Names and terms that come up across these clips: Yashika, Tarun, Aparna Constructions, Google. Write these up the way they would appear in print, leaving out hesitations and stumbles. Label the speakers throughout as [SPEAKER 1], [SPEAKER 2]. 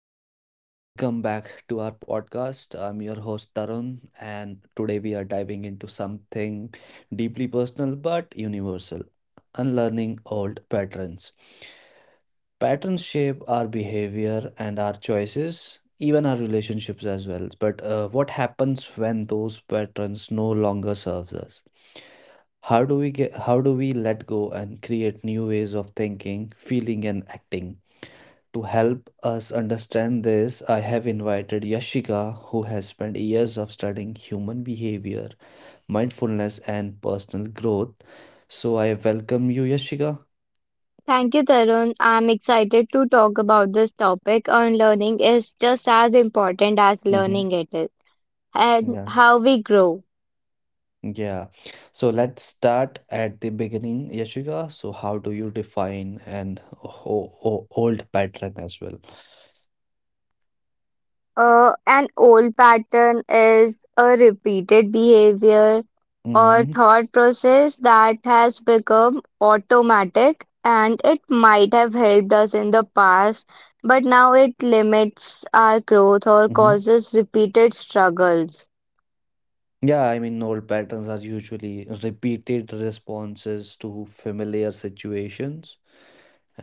[SPEAKER 1] everyone, and welcome back to our podcast. I'm your host Tarun, and today we are diving into something deeply personal but universal, unlearning old patterns. Patterns shape our behavior and our choices, even our relationships as well. But what happens when those patterns no longer serves us? How do we let go and create new ways of thinking, feeling and acting? To help us understand this, I have invited Yashika, who has spent years of studying human behavior, mindfulness, and personal growth. So I welcome you, Yashika.
[SPEAKER 2] Thank you, Tarun. I'm excited to talk about this topic. Unlearning is just as important as
[SPEAKER 1] Hmm.
[SPEAKER 2] learning it is, and
[SPEAKER 1] Yeah,
[SPEAKER 2] how we grow.
[SPEAKER 1] yeah. So let's start at the beginning, Yashika. So how do you define an old pattern as well?
[SPEAKER 2] An old pattern is a repeated behavior or
[SPEAKER 1] Hmm.
[SPEAKER 2] thought process that has become automatic and it might have helped us in the past, but now it limits our growth or
[SPEAKER 1] Hmm.
[SPEAKER 2] causes repeated struggles.
[SPEAKER 1] Yeah, I mean, old patterns are usually repeated responses to familiar situations.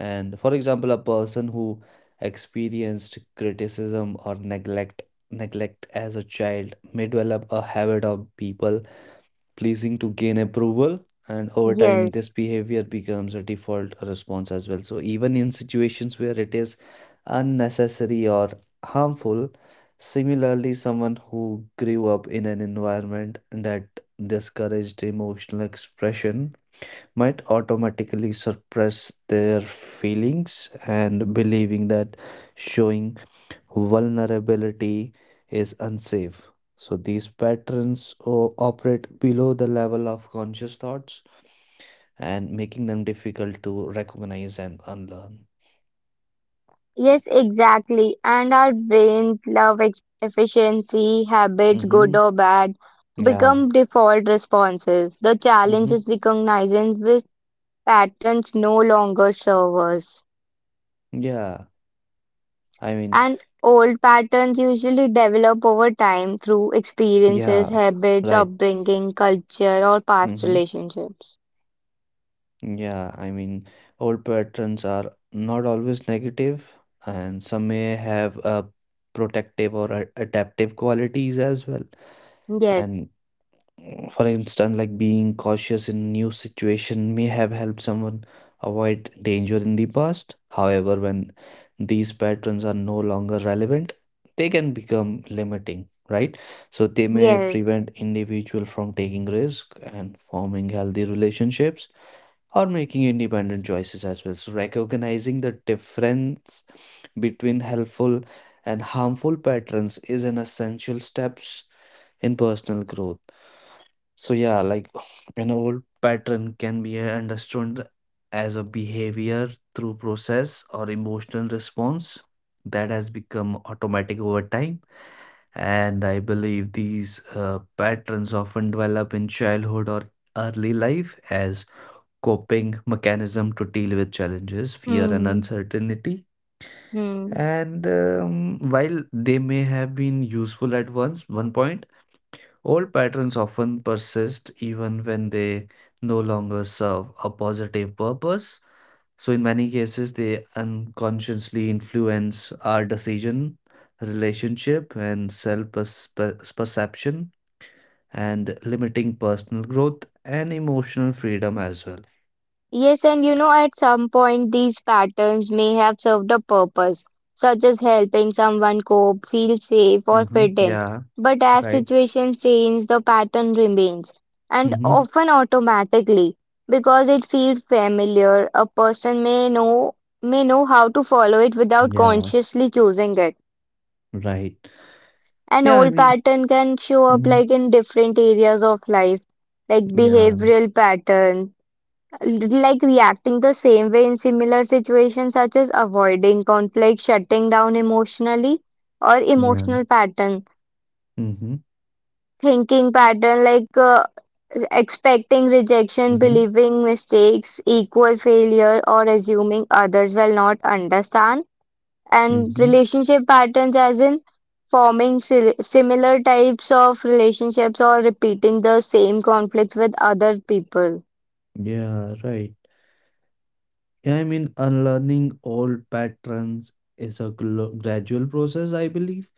[SPEAKER 1] And for example, a person who experienced criticism or neglect as a child may develop a habit of people pleasing to gain approval. And over time,
[SPEAKER 2] Yes.
[SPEAKER 1] this behavior becomes a default response as well. So even in situations where it is unnecessary or harmful, similarly, someone who grew up in an environment that discouraged emotional expression might automatically suppress their feelings and believing that showing vulnerability is unsafe. So these patterns operate below the level of conscious thoughts and making them difficult to recognize and unlearn.
[SPEAKER 2] Yes, exactly. And our brains love efficiency, habits, good
[SPEAKER 1] Mm-hmm.
[SPEAKER 2] or bad, become
[SPEAKER 1] Yeah.
[SPEAKER 2] default responses. The challenge
[SPEAKER 1] Mm-hmm.
[SPEAKER 2] is recognizing which patterns no longer serve us.
[SPEAKER 1] Yeah. I mean,
[SPEAKER 2] And old patterns usually develop over time through experiences,
[SPEAKER 1] yeah.
[SPEAKER 2] habits,
[SPEAKER 1] Right.
[SPEAKER 2] upbringing, culture, or past
[SPEAKER 1] Mm-hmm.
[SPEAKER 2] relationships.
[SPEAKER 1] Yeah, I mean, old patterns are not always negative, and some may have protective or adaptive qualities as well.
[SPEAKER 2] Yes,
[SPEAKER 1] And for instance, like being cautious in new situation may have helped someone avoid danger in the past. However, when these patterns are no longer relevant, they can become limiting, right? So they may
[SPEAKER 2] yes.
[SPEAKER 1] prevent individual from taking risk and forming healthy relationships or making independent choices as well. So, recognizing the difference between helpful and harmful patterns is an essential steps in personal growth. So, yeah, like an old pattern can be understood as a behavior through process or emotional response that has become automatic over time. And I believe these patterns often develop in childhood or early life as coping mechanism to deal with challenges, fear, and
[SPEAKER 2] Hmm.
[SPEAKER 1] uncertainty.
[SPEAKER 2] Hmm.
[SPEAKER 1] And while they may have been useful at once, one point, old patterns often persist even when they no longer serve a positive purpose. So, in many cases, they unconsciously influence our decision, relationship, and self perception, and limiting personal growth and emotional freedom as well.
[SPEAKER 2] Yes, and you know, at some point, these patterns may have served a purpose, such as helping someone cope, feel safe, or
[SPEAKER 1] Mm-hmm.
[SPEAKER 2] fit in.
[SPEAKER 1] Yeah,
[SPEAKER 2] But as
[SPEAKER 1] right.
[SPEAKER 2] situations change, the pattern remains, and
[SPEAKER 1] Mhm.
[SPEAKER 2] often automatically, because it feels familiar, a person may know how to follow it without
[SPEAKER 1] Yeah,
[SPEAKER 2] consciously choosing it.
[SPEAKER 1] right.
[SPEAKER 2] An
[SPEAKER 1] Yeah, I
[SPEAKER 2] old
[SPEAKER 1] mean
[SPEAKER 2] pattern can show up
[SPEAKER 1] mhm.
[SPEAKER 2] like in different areas of life, like
[SPEAKER 1] Yeah,
[SPEAKER 2] behavioral patterns like reacting the same way in similar situations, such as avoiding conflict, shutting down emotionally, or
[SPEAKER 1] yeah.
[SPEAKER 2] emotional pattern,
[SPEAKER 1] Mhm,
[SPEAKER 2] thinking pattern like expecting rejection,
[SPEAKER 1] mhm,
[SPEAKER 2] believing mistakes equal failure, or assuming others will not understand, and
[SPEAKER 1] mhm.
[SPEAKER 2] relationship patterns, as in forming similar types of relationships or repeating the same conflicts with other people.
[SPEAKER 1] Yeah, right. Yeah, I mean, unlearning old patterns is a glo gradual process, I believe,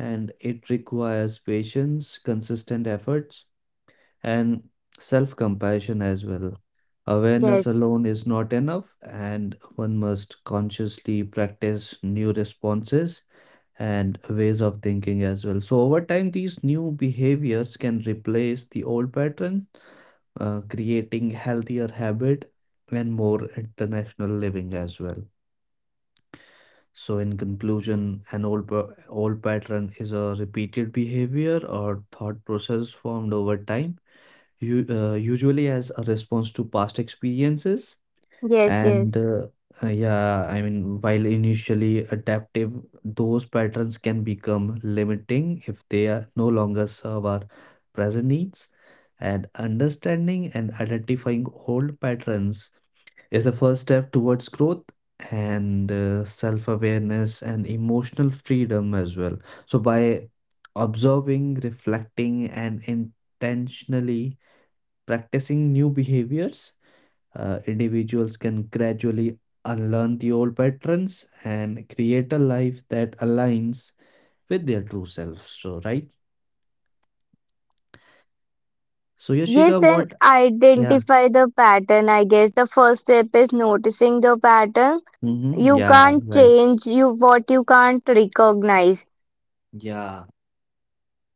[SPEAKER 1] and it requires patience, consistent efforts, and self-compassion as well. Awareness
[SPEAKER 2] Yes,
[SPEAKER 1] alone is not enough, and one must consciously practice new responses and ways of thinking as well. So, over time, these new behaviors can replace the old patterns, creating healthier habit and more international living as well. So, in conclusion, an old pattern is a repeated behavior or thought process formed over time, You usually as a response to past experiences
[SPEAKER 2] yes,
[SPEAKER 1] and
[SPEAKER 2] yes.
[SPEAKER 1] yeah, I mean, while initially adaptive, those patterns can become limiting if they are no longer serve our present needs. And understanding and identifying old patterns is the first step towards growth and self-awareness and emotional freedom as well. So by observing, reflecting, and intentionally practicing new behaviors individuals can gradually unlearn the old patterns and create a life that aligns with their true self. So, right? So,
[SPEAKER 2] Yes,
[SPEAKER 1] Yashika,
[SPEAKER 2] and
[SPEAKER 1] what? Yeah.
[SPEAKER 2] identify the pattern. I guess the first step is noticing the pattern.
[SPEAKER 1] Hmm.
[SPEAKER 2] You
[SPEAKER 1] Yeah.
[SPEAKER 2] can't
[SPEAKER 1] Right.
[SPEAKER 2] change you what you can't recognize,
[SPEAKER 1] Yeah.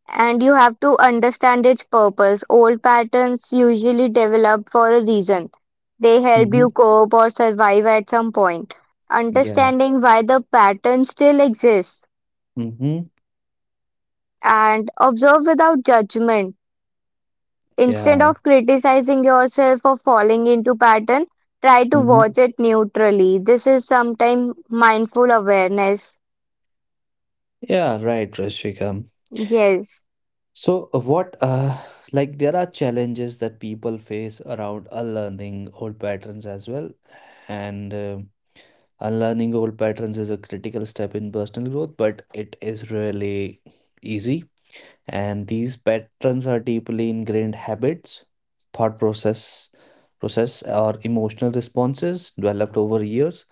[SPEAKER 2] and you have to understand its purpose. Old patterns usually develop for a reason. They help you
[SPEAKER 1] Hmm.
[SPEAKER 2] cope or survive at some point.
[SPEAKER 1] Yeah.
[SPEAKER 2] Understanding why the pattern still exists
[SPEAKER 1] Hmm.
[SPEAKER 2] and observe without judgment. Instead
[SPEAKER 1] Yeah.
[SPEAKER 2] of criticizing yourself for falling into pattern, try to watch
[SPEAKER 1] Hmm.
[SPEAKER 2] it neutrally. This is sometimes mindful awareness.
[SPEAKER 1] Yeah. Right, Yoshika.
[SPEAKER 2] Yes,
[SPEAKER 1] So, what? Like there are challenges that people face around unlearning old patterns as well, and. Unlearning old patterns is a critical step in personal growth, but it is really easy. And these patterns are deeply ingrained habits, thought process, process or emotional responses developed over years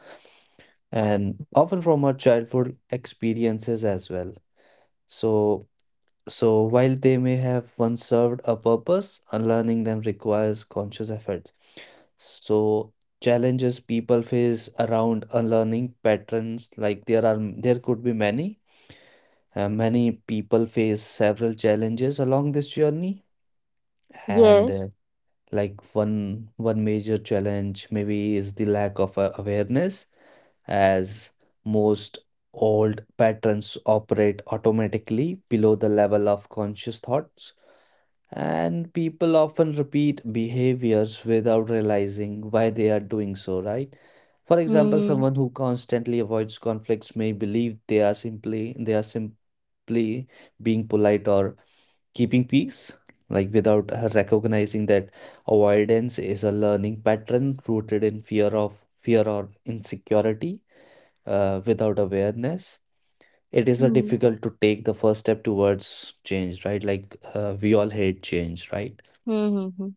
[SPEAKER 1] and often from our childhood experiences as well. So so while they may have once served a purpose, unlearning them requires conscious effort. So challenges people face around unlearning patterns, like there could be many. Many people face several challenges along this journey, and
[SPEAKER 2] yes.
[SPEAKER 1] like one major challenge maybe is the lack of awareness, as most old patterns operate automatically below the level of conscious thoughts. And people often repeat behaviors without realizing why they are doing so, right? For example,
[SPEAKER 2] Hmm.
[SPEAKER 1] someone who constantly avoids conflicts may believe they are simply being polite or keeping peace, like without recognizing that avoidance is a learning pattern rooted in fear or insecurity, without awareness. It is a
[SPEAKER 2] Hmm.
[SPEAKER 1] difficult to take the first step towards change, right? Like we all hate change, right?
[SPEAKER 2] Hmm. Hmm, hmm.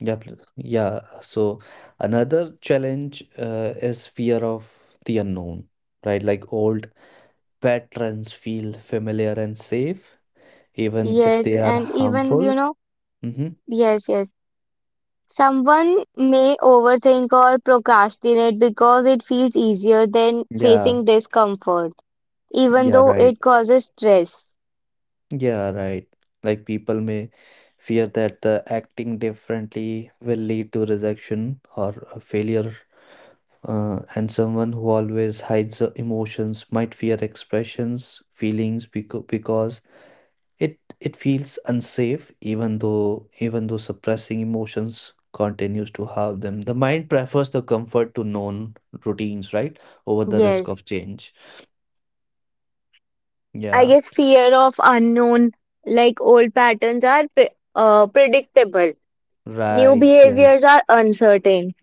[SPEAKER 1] Yeah, please. Yeah. So another challenge is fear of the unknown, right? Like old patterns feel familiar and safe, even if
[SPEAKER 2] Yes,
[SPEAKER 1] they are
[SPEAKER 2] and even, you
[SPEAKER 1] harmful.
[SPEAKER 2] know,
[SPEAKER 1] Mm-hmm.
[SPEAKER 2] yes, yes. Someone may overthink or procrastinate because it feels easier than
[SPEAKER 1] Yeah.
[SPEAKER 2] facing discomfort, even
[SPEAKER 1] Yeah,
[SPEAKER 2] though
[SPEAKER 1] right.
[SPEAKER 2] it causes stress.
[SPEAKER 1] Yeah, right. Like people may fear that the acting differently will lead to rejection or a failure. And someone who always hides the emotions might fear expressions, feelings, because it feels unsafe even though suppressing emotions continues to have them. The mind prefers the comfort to known routines, right? Over the risk of
[SPEAKER 2] Yes.
[SPEAKER 1] change.
[SPEAKER 2] I
[SPEAKER 1] Yeah.
[SPEAKER 2] guess fear of unknown, like old patterns are predictable. New
[SPEAKER 1] Right.
[SPEAKER 2] behaviors
[SPEAKER 1] Yes.
[SPEAKER 2] are uncertain.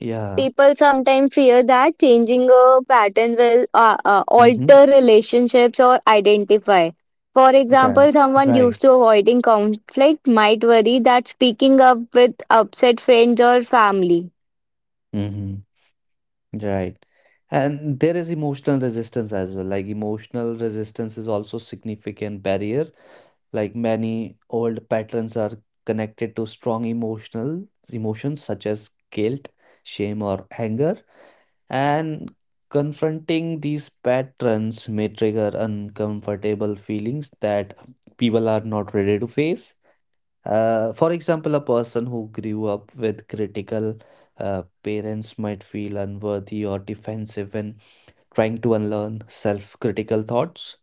[SPEAKER 1] Yeah.
[SPEAKER 2] People sometimes fear that changing a pattern will
[SPEAKER 1] Mm-hmm.
[SPEAKER 2] alter relationships or identify. For
[SPEAKER 1] Right.
[SPEAKER 2] example, someone
[SPEAKER 1] Right.
[SPEAKER 2] used to avoiding conflict might worry that speaking up with upset friends or family.
[SPEAKER 1] Mm-hmm. Right. And there is emotional resistance as well. Like emotional resistance is also significant barrier. Like many old patterns are connected to strong emotional emotions such as guilt, shame, or anger, and confronting these patterns may trigger uncomfortable feelings that people are not ready to face. For example, a person who grew up with critical parents might feel unworthy or defensive when trying to unlearn self critical thoughts,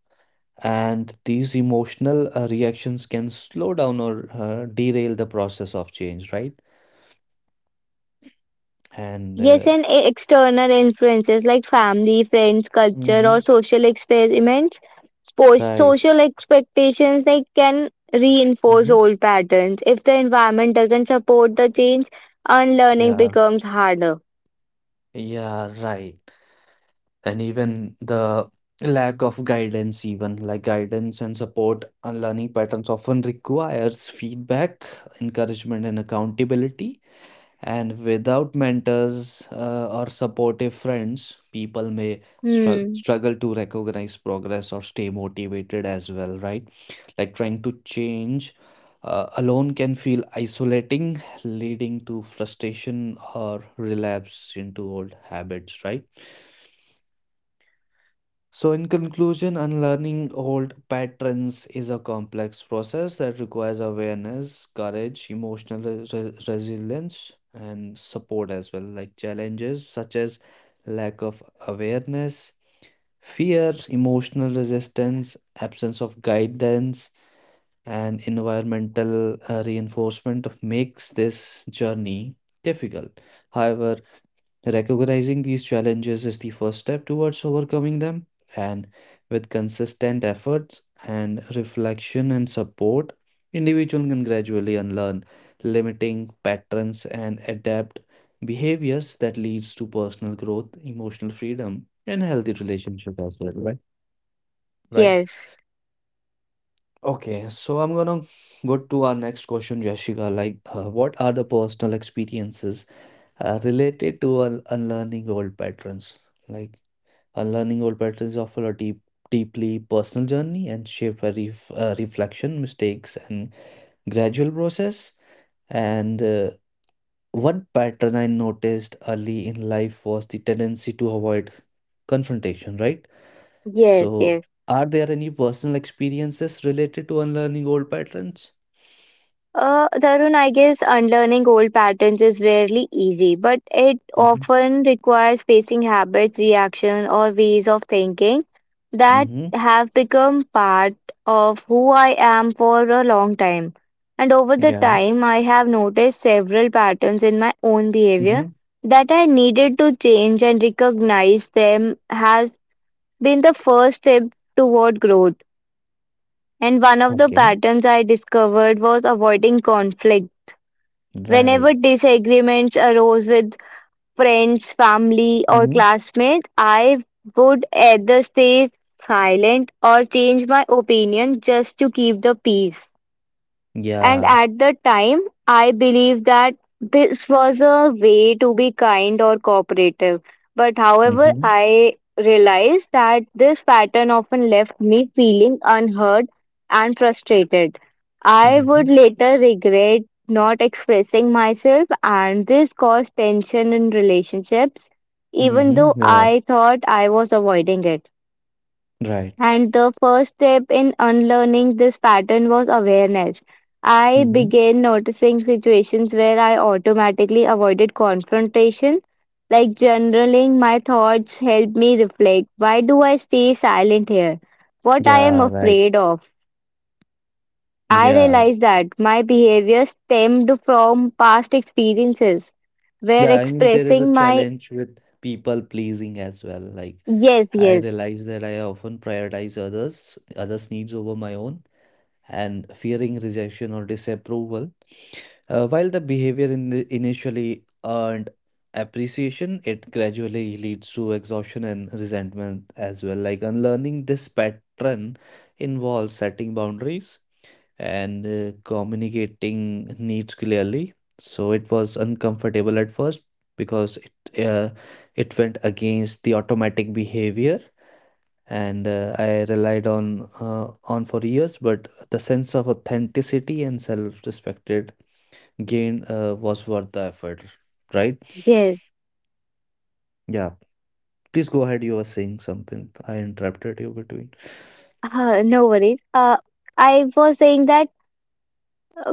[SPEAKER 1] and these emotional reactions can slow down or derail the process of change, right? And
[SPEAKER 2] Yes, and external influences like family, friends, culture,
[SPEAKER 1] hmm,
[SPEAKER 2] or social experiments, sports,
[SPEAKER 1] right.
[SPEAKER 2] social expectations, they can reinforce
[SPEAKER 1] Hmm.
[SPEAKER 2] old patterns. If the environment doesn't support the change, unlearning
[SPEAKER 1] Yeah,
[SPEAKER 2] becomes harder.
[SPEAKER 1] yeah, right. And even the lack of guidance, even like guidance and support on learning patterns often requires feedback, encouragement and accountability. And without mentors or supportive friends, people may
[SPEAKER 2] Hmm.
[SPEAKER 1] struggle to recognize progress or stay motivated as well, right? Like trying to change alone can feel isolating, leading to frustration or relapse into old habits, right? So, in conclusion, unlearning old patterns is a complex process that requires awareness, courage, emotional resilience, and support as well. Like challenges such as lack of awareness, fear, emotional resistance, absence of guidance, and environmental reinforcement makes this journey difficult. However, recognizing these challenges is the first step towards overcoming them, and with consistent efforts and reflection and support, individuals can gradually unlearn limiting patterns and adapt behaviors that leads to personal growth, emotional freedom, and healthy relationship as well, right? Right.
[SPEAKER 2] Yes.
[SPEAKER 1] Okay, so I'm gonna go to our next question, Jessica. Like, what are the personal experiences related to unlearning old patterns? Like, unlearning old patterns offer a deep, deeply personal journey and shaped by reflection, mistakes, and gradual process. And one pattern I noticed early in life was the tendency to avoid confrontation, right?
[SPEAKER 2] Yes.
[SPEAKER 1] So,
[SPEAKER 2] Yes.
[SPEAKER 1] are there any personal experiences related to unlearning old patterns?
[SPEAKER 2] Tarun, I guess unlearning old patterns is rarely easy, but it
[SPEAKER 1] Mhm.
[SPEAKER 2] often requires facing habits, reaction, or ways of thinking that
[SPEAKER 1] Mhm.
[SPEAKER 2] have become part of who I am for a long time. And over the
[SPEAKER 1] Yeah.
[SPEAKER 2] time, I have noticed several patterns in my own behavior
[SPEAKER 1] Mhm.
[SPEAKER 2] that I needed to change and recognize them has been the first step toward growth. And one of the
[SPEAKER 1] Okay.
[SPEAKER 2] patterns I discovered was avoiding conflict.
[SPEAKER 1] Right.
[SPEAKER 2] Whenever disagreements arose with friends, family, or
[SPEAKER 1] Mhm.
[SPEAKER 2] classmates, I would either stay silent or change my opinion just to keep the peace. And
[SPEAKER 1] Yeah.
[SPEAKER 2] at the time, I believed that this was a way to be kind or cooperative. But however,
[SPEAKER 1] Mhm.
[SPEAKER 2] I realized that this pattern often left me feeling unheard and frustrated. I would
[SPEAKER 1] Mhm.
[SPEAKER 2] later regret not expressing myself, and this caused tension in relationships, even
[SPEAKER 1] Mhm.
[SPEAKER 2] though
[SPEAKER 1] Yeah.
[SPEAKER 2] I thought I was avoiding it.
[SPEAKER 1] Right.
[SPEAKER 2] And the first step in unlearning this pattern was awareness. I
[SPEAKER 1] Mhm.
[SPEAKER 2] began noticing situations where I automatically avoided confrontation, like journaling my thoughts helped me reflect. Why do I stay silent here? What I am
[SPEAKER 1] Yeah. Right.
[SPEAKER 2] afraid of? I
[SPEAKER 1] Yeah.
[SPEAKER 2] realized that my behavior stemmed from past experiences where
[SPEAKER 1] Yeah. I mean, there is a
[SPEAKER 2] expressing my
[SPEAKER 1] challenge with people pleasing as well. Like,
[SPEAKER 2] yes,
[SPEAKER 1] I
[SPEAKER 2] yes,
[SPEAKER 1] realize that I often prioritize others, others' needs over my own, and fearing rejection or disapproval. While the behavior in initially earned appreciation, it gradually leads to exhaustion and resentment as well. Like unlearning this pattern involves setting boundaries and communicating needs clearly. So it was uncomfortable at first because it uh, it went against the automatic behavior and I relied on for years. But the sense of authenticity and self-respect gain was worth the effort, right?
[SPEAKER 2] yes,
[SPEAKER 1] Yeah. Please go ahead. You were saying something. I interrupted you between.
[SPEAKER 2] no worries. I was saying that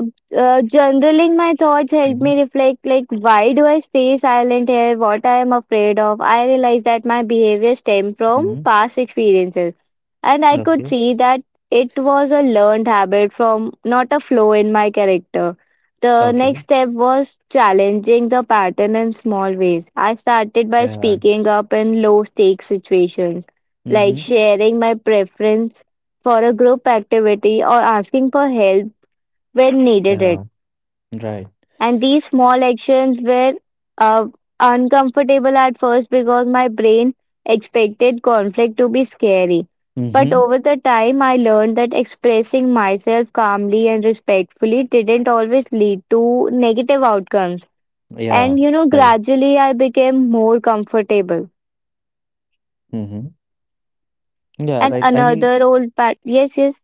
[SPEAKER 2] journaling my thoughts helped
[SPEAKER 1] Mm-hmm.
[SPEAKER 2] me reflect, like, why do I stay silent here, what I am afraid of? I realized that my behavior stemmed from
[SPEAKER 1] Mm-hmm.
[SPEAKER 2] past experiences and I could
[SPEAKER 1] Okay.
[SPEAKER 2] see that it was a learned habit from not a flaw in my character. The
[SPEAKER 1] Okay.
[SPEAKER 2] next step was challenging the pattern in small ways. I started by
[SPEAKER 1] Yeah.
[SPEAKER 2] speaking up in low stakes situations, like
[SPEAKER 1] Mm-hmm.
[SPEAKER 2] sharing my preference for a group activity or asking for help when needed
[SPEAKER 1] Yeah.
[SPEAKER 2] it.
[SPEAKER 1] Right.
[SPEAKER 2] And these small actions were uh, uncomfortable at first because my brain expected conflict to be scary. But
[SPEAKER 1] Mm-hmm.
[SPEAKER 2] over the time, I learned that expressing myself calmly and respectfully didn't always lead to negative outcomes.
[SPEAKER 1] Yeah.
[SPEAKER 2] And you know,
[SPEAKER 1] Right.
[SPEAKER 2] gradually I became more comfortable.
[SPEAKER 1] Mm-hmm. Yeah.
[SPEAKER 2] And
[SPEAKER 1] Right. I mean,
[SPEAKER 2] another old pat. Yes, yes.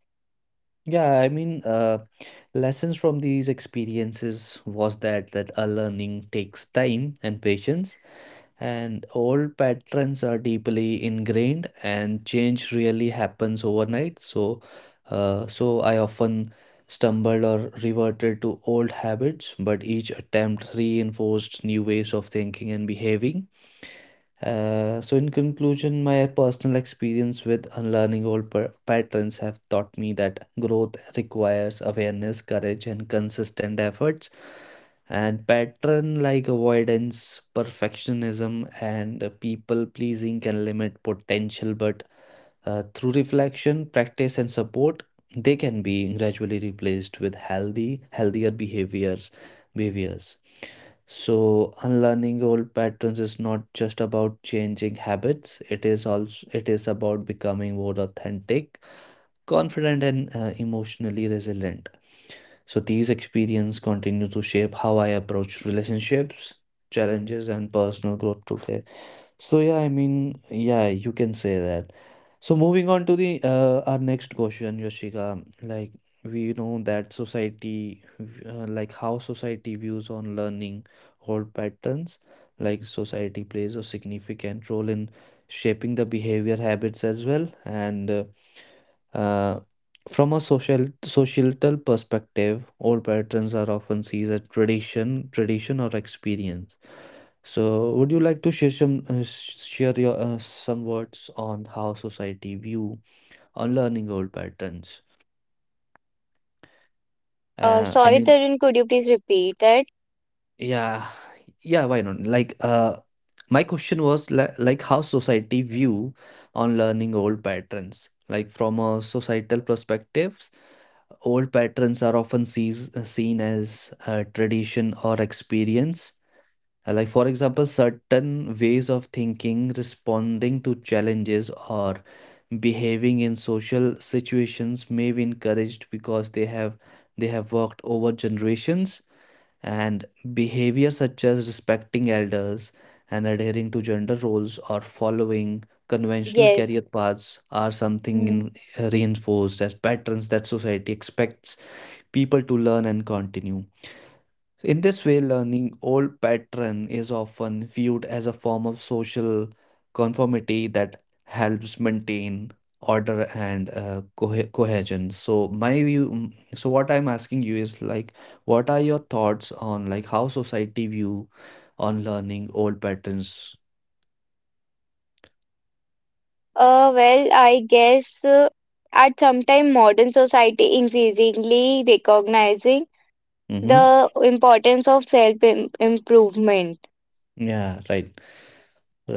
[SPEAKER 1] yeah. I mean, lessons from these experiences was that a learning takes time and patience. And old patterns are deeply ingrained, and change really happens overnight. So, so I often stumbled or reverted to old habits, but each attempt reinforced new ways of thinking and behaving. So, in conclusion, my personal experience with unlearning old patterns have taught me that growth requires awareness, courage, and consistent efforts. And pattern like avoidance, perfectionism, and people pleasing can limit potential, but through reflection, practice, and support, they can be gradually replaced with healthier behaviors. Behaviors. So unlearning old patterns is not just about changing habits. It is also it is about becoming more authentic, confident, and emotionally resilient. So these experiences continue to shape how I approach relationships, challenges, and personal growth today. So yeah, I mean, yeah, you can say that. So moving on to the our next question, Yoshika, like we know that society, like how society views on learning hold patterns, like society plays a significant role in shaping the behavior habits as well, and uh, from a social societal perspective, old patterns are often seen as tradition or experience. So, would you like to share some share your some words on how society view on learning old patterns?
[SPEAKER 2] Uh,
[SPEAKER 1] Uh, I
[SPEAKER 2] sorry,
[SPEAKER 1] mean,
[SPEAKER 2] Tarun, could you please repeat that.
[SPEAKER 1] yeah, yeah, why not? My question was like how society view on learning old patterns, like from a societal perspective, old patterns are often seen as a tradition or experience. Like, for example, certain ways of thinking, responding to challenges, or behaving in social situations may be encouraged because they have worked over generations and behavior such as respecting elders and adhering to gender roles or following conventional career
[SPEAKER 2] Yes.
[SPEAKER 1] paths are something in, reinforced as patterns that society expects people to learn and continue. In this way, learning old pattern is often viewed as a form of social conformity that helps maintain order and cohesion. So my view, so what I'm asking you is like, what are your thoughts on like how society view on learning old patterns?
[SPEAKER 2] Well, I guess at some time modern society increasingly recognizing
[SPEAKER 1] Mm-hmm.
[SPEAKER 2] the importance of self-improvement.
[SPEAKER 1] Yeah, right,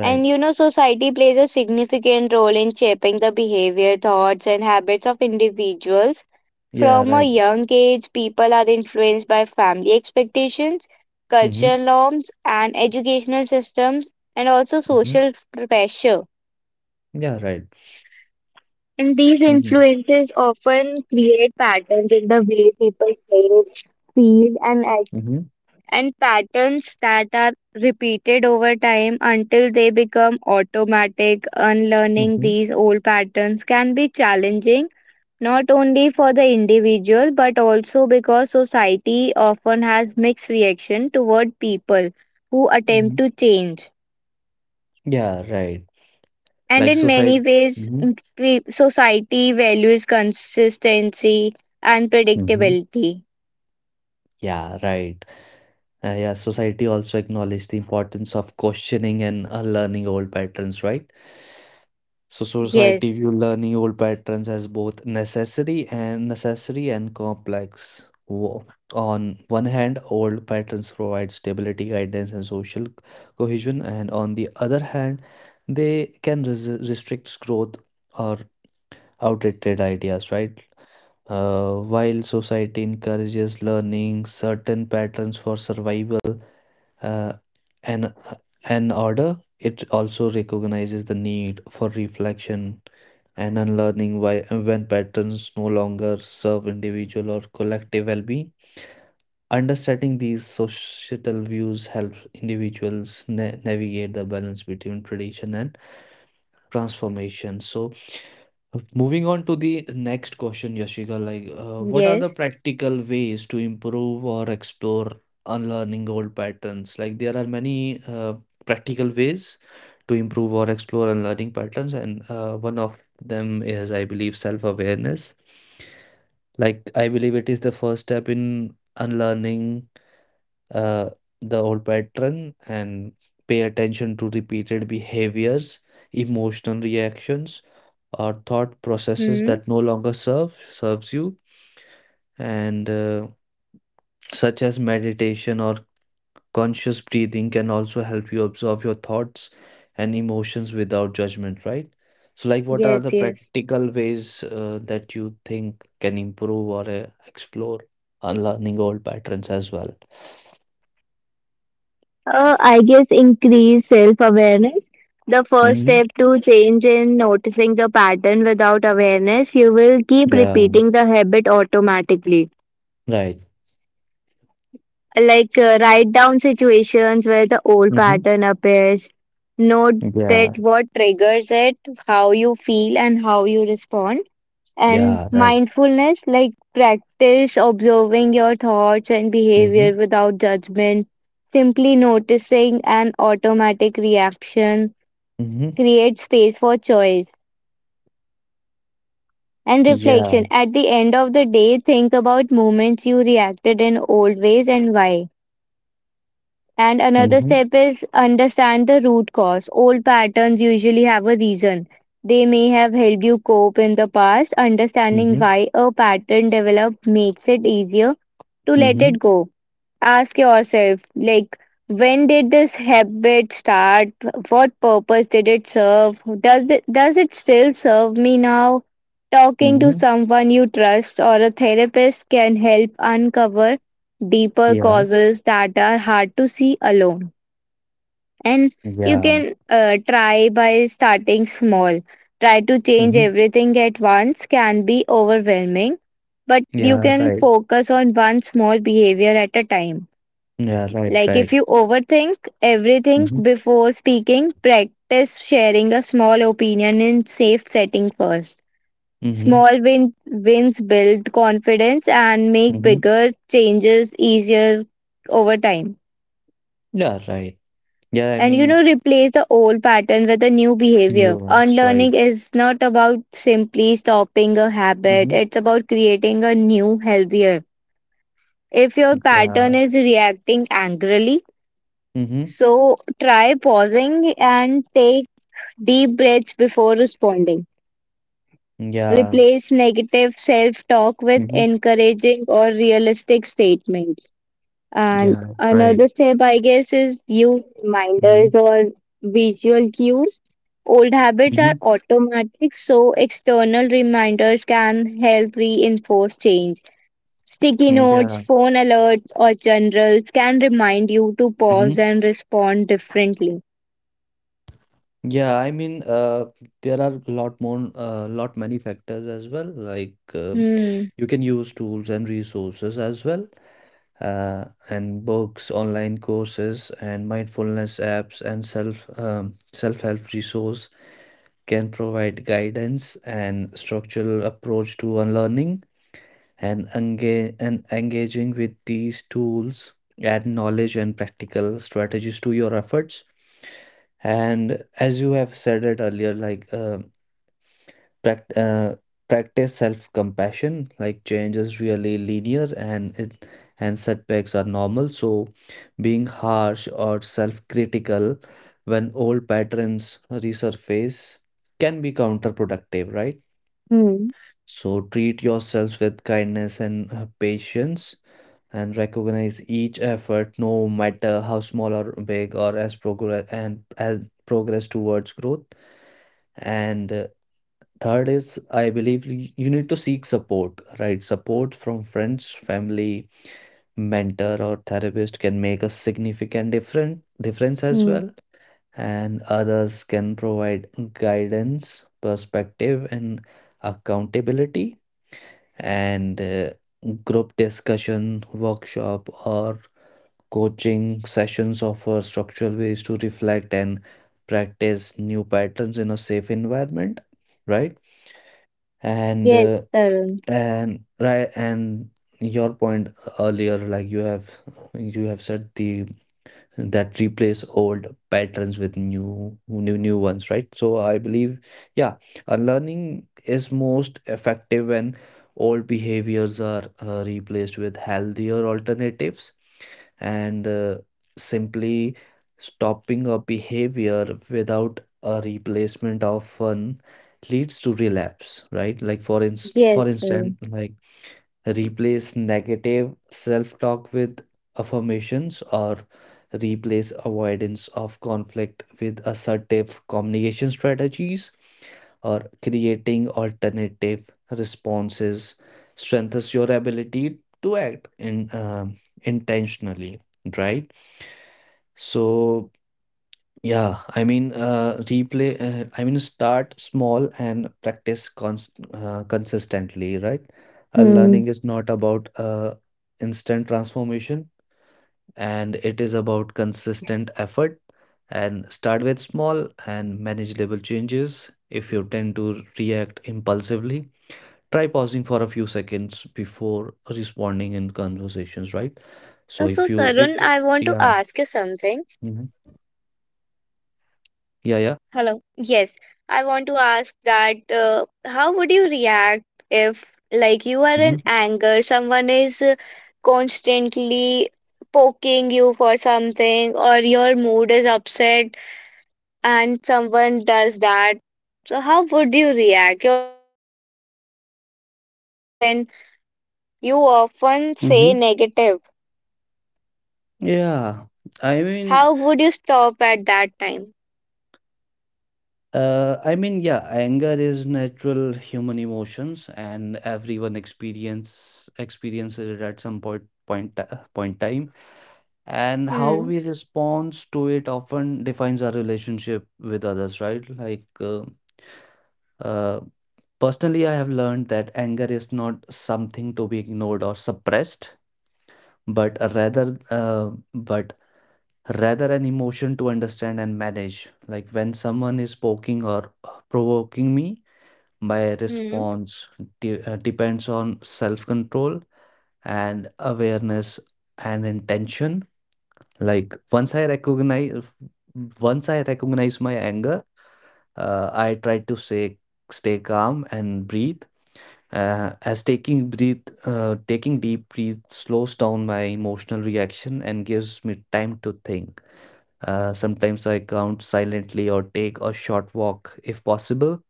[SPEAKER 2] And you know, society plays a significant role in shaping the behavior, thoughts, and habits of individuals.
[SPEAKER 1] Yeah,
[SPEAKER 2] From a
[SPEAKER 1] right.
[SPEAKER 2] young age, people are influenced by family expectations, cultural
[SPEAKER 1] Mm-hmm.
[SPEAKER 2] norms, and educational systems, and also
[SPEAKER 1] Mm-hmm.
[SPEAKER 2] social pressure.
[SPEAKER 1] Yeah, right.
[SPEAKER 2] And these
[SPEAKER 1] Mm-hmm.
[SPEAKER 2] influences often create patterns in the way people think, feel, and act,
[SPEAKER 1] Mm-hmm.
[SPEAKER 2] and patterns that are repeated over time until they become automatic. Unlearning
[SPEAKER 1] Mm-hmm.
[SPEAKER 2] these old patterns can be challenging, not only for the individual, but also because society often has mixed reaction toward people who attempt
[SPEAKER 1] Mm-hmm.
[SPEAKER 2] to change.
[SPEAKER 1] Yeah, right.
[SPEAKER 2] And
[SPEAKER 1] Like
[SPEAKER 2] in many
[SPEAKER 1] society.
[SPEAKER 2] ways,
[SPEAKER 1] Mhm,
[SPEAKER 2] society values consistency and
[SPEAKER 1] mhm.
[SPEAKER 2] predictability.
[SPEAKER 1] Yeah, right. Yeah, society also acknowledge the importance of questioning and unlearning old patterns, right? So
[SPEAKER 2] Yes,
[SPEAKER 1] society view learning old patterns as both necessary and complex. On one hand, old patterns provide stability, guidance, and social cohesion, and on the other hand, they can restrict growth or outdated ideas, right? While society encourages learning certain patterns for survival uh, and, and order, it also recognizes the need for reflection and unlearning why, when patterns no longer serve individual or collective well-being. Understanding these societal views helps individuals navigate the balance between tradition and transformation. So, moving on to the next question, Yashika, what are the
[SPEAKER 2] yes,
[SPEAKER 1] practical ways to improve or explore unlearning old patterns? Like there are many practical ways to improve or explore unlearning patterns, and one of them is, I believe, self-awareness. Like I believe it is the first step in unlearning uh, the old pattern and pay attention to repeated behaviors, emotional reactions or thought processes
[SPEAKER 2] hmm,
[SPEAKER 1] that no longer serves you and such as meditation or conscious breathing can also help you observe your thoughts and emotions without judgment, right? So like what are
[SPEAKER 2] yes,
[SPEAKER 1] the
[SPEAKER 2] yes.
[SPEAKER 1] practical ways that you think can improve or explore unlearning old patterns as well?
[SPEAKER 2] I guess increase self awareness. The first
[SPEAKER 1] Hmm.
[SPEAKER 2] step to change in noticing the pattern without awareness, you will keep
[SPEAKER 1] Yeah,
[SPEAKER 2] repeating the habit automatically.
[SPEAKER 1] right.
[SPEAKER 2] Write down situations where the old
[SPEAKER 1] Hmm.
[SPEAKER 2] pattern appears, note that
[SPEAKER 1] Yeah.
[SPEAKER 2] what triggers it, how you feel, and how you respond. And
[SPEAKER 1] Yeah, right.
[SPEAKER 2] mindfulness, like practice observing your thoughts and behavior
[SPEAKER 1] Hmm.
[SPEAKER 2] without judgment, simply noticing an automatic reaction,
[SPEAKER 1] Hmm.
[SPEAKER 2] create space for choice and reflection.
[SPEAKER 1] Yeah.
[SPEAKER 2] At the end of the day, think about moments you reacted in old ways and why. And another
[SPEAKER 1] Hmm.
[SPEAKER 2] step is understand the root cause. Old patterns usually have a reason. They may have helped you cope in the past. Understanding
[SPEAKER 1] Hmm.
[SPEAKER 2] why a pattern developed makes it easier to let it
[SPEAKER 1] Hmm.
[SPEAKER 2] go. Ask yourself, like, when did this habit start? What purpose did it serve? Does it still serve me now? Talking to
[SPEAKER 1] Hmm.
[SPEAKER 2] someone you trust or a therapist can help uncover deeper
[SPEAKER 1] Yeah.
[SPEAKER 2] causes that are hard to see alone, and you
[SPEAKER 1] Yeah.
[SPEAKER 2] can try by starting small. Try to change
[SPEAKER 1] Mhm.
[SPEAKER 2] everything at once can be overwhelming, but you
[SPEAKER 1] Yeah,
[SPEAKER 2] can
[SPEAKER 1] right.
[SPEAKER 2] focus on one small behavior at a time,
[SPEAKER 1] Yeah, right,
[SPEAKER 2] like if
[SPEAKER 1] right.
[SPEAKER 2] you overthink everything
[SPEAKER 1] Mhm.
[SPEAKER 2] before speaking, practice sharing a small opinion in safe setting first.
[SPEAKER 1] Mhm.
[SPEAKER 2] Small wins build confidence and make
[SPEAKER 1] Mhm.
[SPEAKER 2] bigger changes easier over time.
[SPEAKER 1] Yeah, right. Yeah, I
[SPEAKER 2] And you know,
[SPEAKER 1] mean
[SPEAKER 2] replace the old pattern with a new behavior.
[SPEAKER 1] new ones,
[SPEAKER 2] Unlearning
[SPEAKER 1] right.
[SPEAKER 2] is not about simply stopping a habit,
[SPEAKER 1] Mhm.
[SPEAKER 2] it's about creating a new healthier. If your pattern
[SPEAKER 1] Yeah.
[SPEAKER 2] is reacting angrily,
[SPEAKER 1] Mhm.
[SPEAKER 2] so try pausing and take deep breaths before responding.
[SPEAKER 1] Yeah.
[SPEAKER 2] Replace negative self talk with
[SPEAKER 1] Mhm.
[SPEAKER 2] encouraging or realistic statements. And
[SPEAKER 1] Yeah,
[SPEAKER 2] another
[SPEAKER 1] right.
[SPEAKER 2] step, I guess, is use reminders
[SPEAKER 1] Mhm.
[SPEAKER 2] or visual cues. Old habits are
[SPEAKER 1] Mhm.
[SPEAKER 2] automatic, so external reminders can help reinforce change. Sticky
[SPEAKER 1] Mm,
[SPEAKER 2] notes,
[SPEAKER 1] yeah.
[SPEAKER 2] phone alerts, or generals can remind you to pause
[SPEAKER 1] Mhm.
[SPEAKER 2] and respond differently.
[SPEAKER 1] Yeah. There are a lot more lot many factors as well, like
[SPEAKER 2] Hmm.
[SPEAKER 1] you can use tools and resources as well, and books, online courses, and mindfulness apps and self-help resource can provide guidance and structural approach to unlearning and engaging with these tools add knowledge and practical strategies to your efforts, and as you have said it earlier, like prac- uh, practice self-compassion, like change is really linear and it and setbacks are normal, so being harsh or self-critical when old patterns resurface can be counterproductive, right?
[SPEAKER 2] Hmm.
[SPEAKER 1] So treat yourself with kindness and patience and recognize each effort no matter how small or big or as progress and as progress towards growth, and third is, I believe you need to seek support, right? Support from friends, family, mentor, or therapist can make a significant different difference as
[SPEAKER 2] Hmm.
[SPEAKER 1] well. And others can provide guidance, perspective, and accountability. And group discussion, workshop, or coaching sessions offer structural ways to reflect and practice new patterns in a safe environment, right? And
[SPEAKER 2] Yes,
[SPEAKER 1] uh,
[SPEAKER 2] Tarun.
[SPEAKER 1] and right, and your point earlier, like you have said the that replace old patterns with new ones, right? So I believe, yeah, unlearning is most effective when old behaviors are replaced with healthier alternatives, and simply stopping a behavior without a replacement of fun leads to relapse, right? Like for inst
[SPEAKER 2] Yes,
[SPEAKER 1] for
[SPEAKER 2] Tarun.
[SPEAKER 1] instance, like replace negative self talk with affirmations or replace avoidance of conflict with assertive communication strategies or creating alternative responses strengthens your ability to act in intentionally, right? So start small and practice consistently, right?
[SPEAKER 2] Hmm.
[SPEAKER 1] Learning is not about instant transformation, and it is about consistent effort. And start with small and manageable changes. If you tend to react impulsively, try pausing for a few seconds before responding in conversations, right?
[SPEAKER 2] Uh,
[SPEAKER 1] So
[SPEAKER 2] So,
[SPEAKER 1] if you,
[SPEAKER 2] Tarun,
[SPEAKER 1] it-
[SPEAKER 2] I want to
[SPEAKER 1] yeah.
[SPEAKER 2] ask you something.
[SPEAKER 1] Hmm. Yeah, yeah.
[SPEAKER 2] Hello. Yes, I want to ask that how would you react if, like, you are in
[SPEAKER 1] Hmm.
[SPEAKER 2] anger, someone is constantly poking you for something, or your mood is upset and someone does that? So, how would you react? Your mind is full of negative thoughts and you often say
[SPEAKER 1] Hmm.
[SPEAKER 2] negative.
[SPEAKER 1] Yeah, I mean,
[SPEAKER 2] How would you stop at that time?
[SPEAKER 1] yeah, anger is natural human emotions, and everyone experiences it at some point time. And how
[SPEAKER 2] Hmm.
[SPEAKER 1] we respond to it often defines our relationship with others, right? Uh, personally, I have learned that anger is not something to be ignored or suppressed, but rather an emotion to understand and manage. Like when someone is poking or provoking me, my
[SPEAKER 2] Hmm.
[SPEAKER 1] response depends on self control and awareness and intention. Like once I recognize my anger, I try to say, stay calm and breathe. Taking deep breath slows down my emotional reaction and gives me time to think. Sometimes I count silently or take a short walk if possible.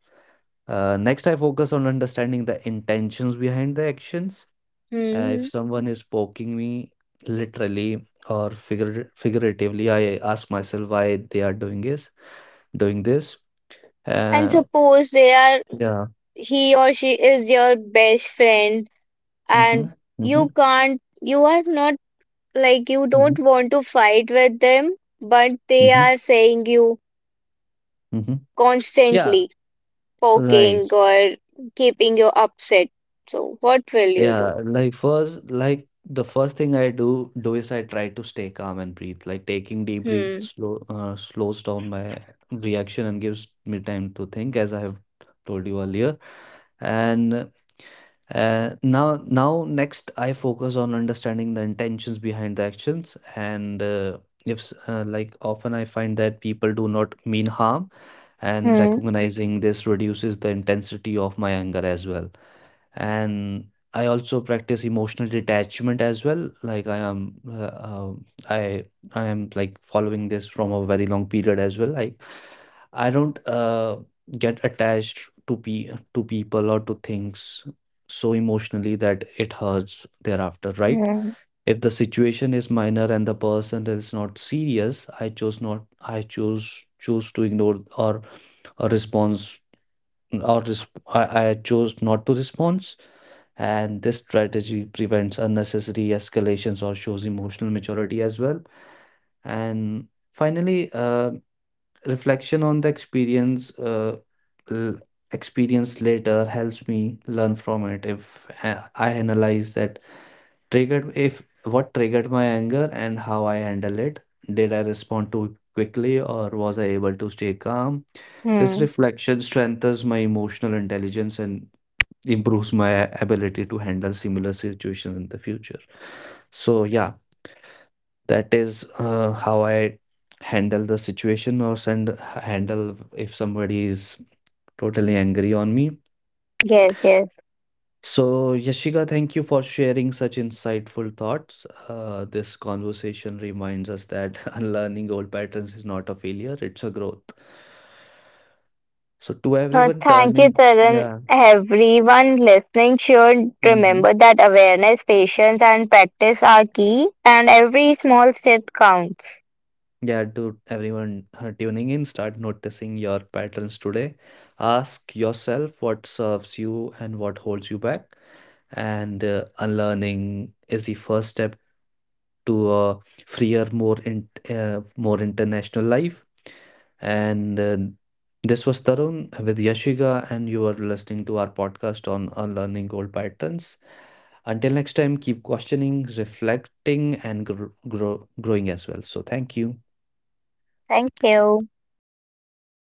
[SPEAKER 1] Next, I focus on understanding the intentions behind the actions. If
[SPEAKER 2] Hmm.
[SPEAKER 1] someone is poking me literally or figuratively, I ask myself why they are doing this. Doing this.
[SPEAKER 2] And
[SPEAKER 1] Uh,
[SPEAKER 2] suppose they are
[SPEAKER 1] yeah.
[SPEAKER 2] he or she is your best friend
[SPEAKER 1] Mm-hmm,
[SPEAKER 2] and
[SPEAKER 1] mm-hmm,
[SPEAKER 2] you are not like you
[SPEAKER 1] mm-hmm,
[SPEAKER 2] don't want to fight with them, but they
[SPEAKER 1] mm-hmm,
[SPEAKER 2] are saying you
[SPEAKER 1] mm-hmm. Yeah.
[SPEAKER 2] constantly
[SPEAKER 1] Right.
[SPEAKER 2] poking or keeping you upset, so what will you do?
[SPEAKER 1] Yeah, like first, like the first thing I do do is I try to stay calm and breathe. Like taking deep breath
[SPEAKER 2] Hmm.
[SPEAKER 1] slows down my reaction and gives me time to think, as I have told you earlier. And now next, I focus on understanding the intentions behind the actions. And if like often I find that people do not mean harm, and
[SPEAKER 2] Hmm.
[SPEAKER 1] recognizing this reduces the intensity of my anger as well, and I also practice emotional detachment as well. Like I I am like following this from a very long period as well. Like I don't get attached to pe to people or to things so emotionally that it hurts thereafter, right?
[SPEAKER 2] Hmm.
[SPEAKER 1] If the situation is minor and the person is not serious, I choose not. I choose to ignore or a response or I chose not to respond, and this strategy prevents unnecessary escalations or shows emotional maturity as well. And finally, reflection on the l- experience later helps me learn from it. If I analyze that triggered, if what triggered my anger and how I handle it, did I respond too quickly or was I able to stay calm? This
[SPEAKER 2] Hmm.
[SPEAKER 1] reflection strengthens my emotional intelligence and improves my ability to handle similar situations in the future. So yeah, that is how I handle the situation or send handle if somebody is totally angry on me.
[SPEAKER 2] Yes. Yes.
[SPEAKER 1] So Yashika, thank you for sharing such insightful thoughts. This conversation reminds us that unlearning old patterns is not a failure; it's a growth. So to
[SPEAKER 2] Uh,
[SPEAKER 1] everyone
[SPEAKER 2] thank you,
[SPEAKER 1] turning,
[SPEAKER 2] Taran.
[SPEAKER 1] yeah.
[SPEAKER 2] Everyone listening should
[SPEAKER 1] Mhm.
[SPEAKER 2] remember that awareness, patience, and practice are key, and every small step counts.
[SPEAKER 1] Yeah, to everyone tuning in, start noticing your patterns today. Ask yourself what serves you and what holds you back. And unlearning is the first step to a freer, more international life. And this was Tarun with Yashika, and you are listening to our podcast on unlearning old patterns. Until next time, keep questioning, reflecting, and growing as well. So, thank you.
[SPEAKER 2] Thank you.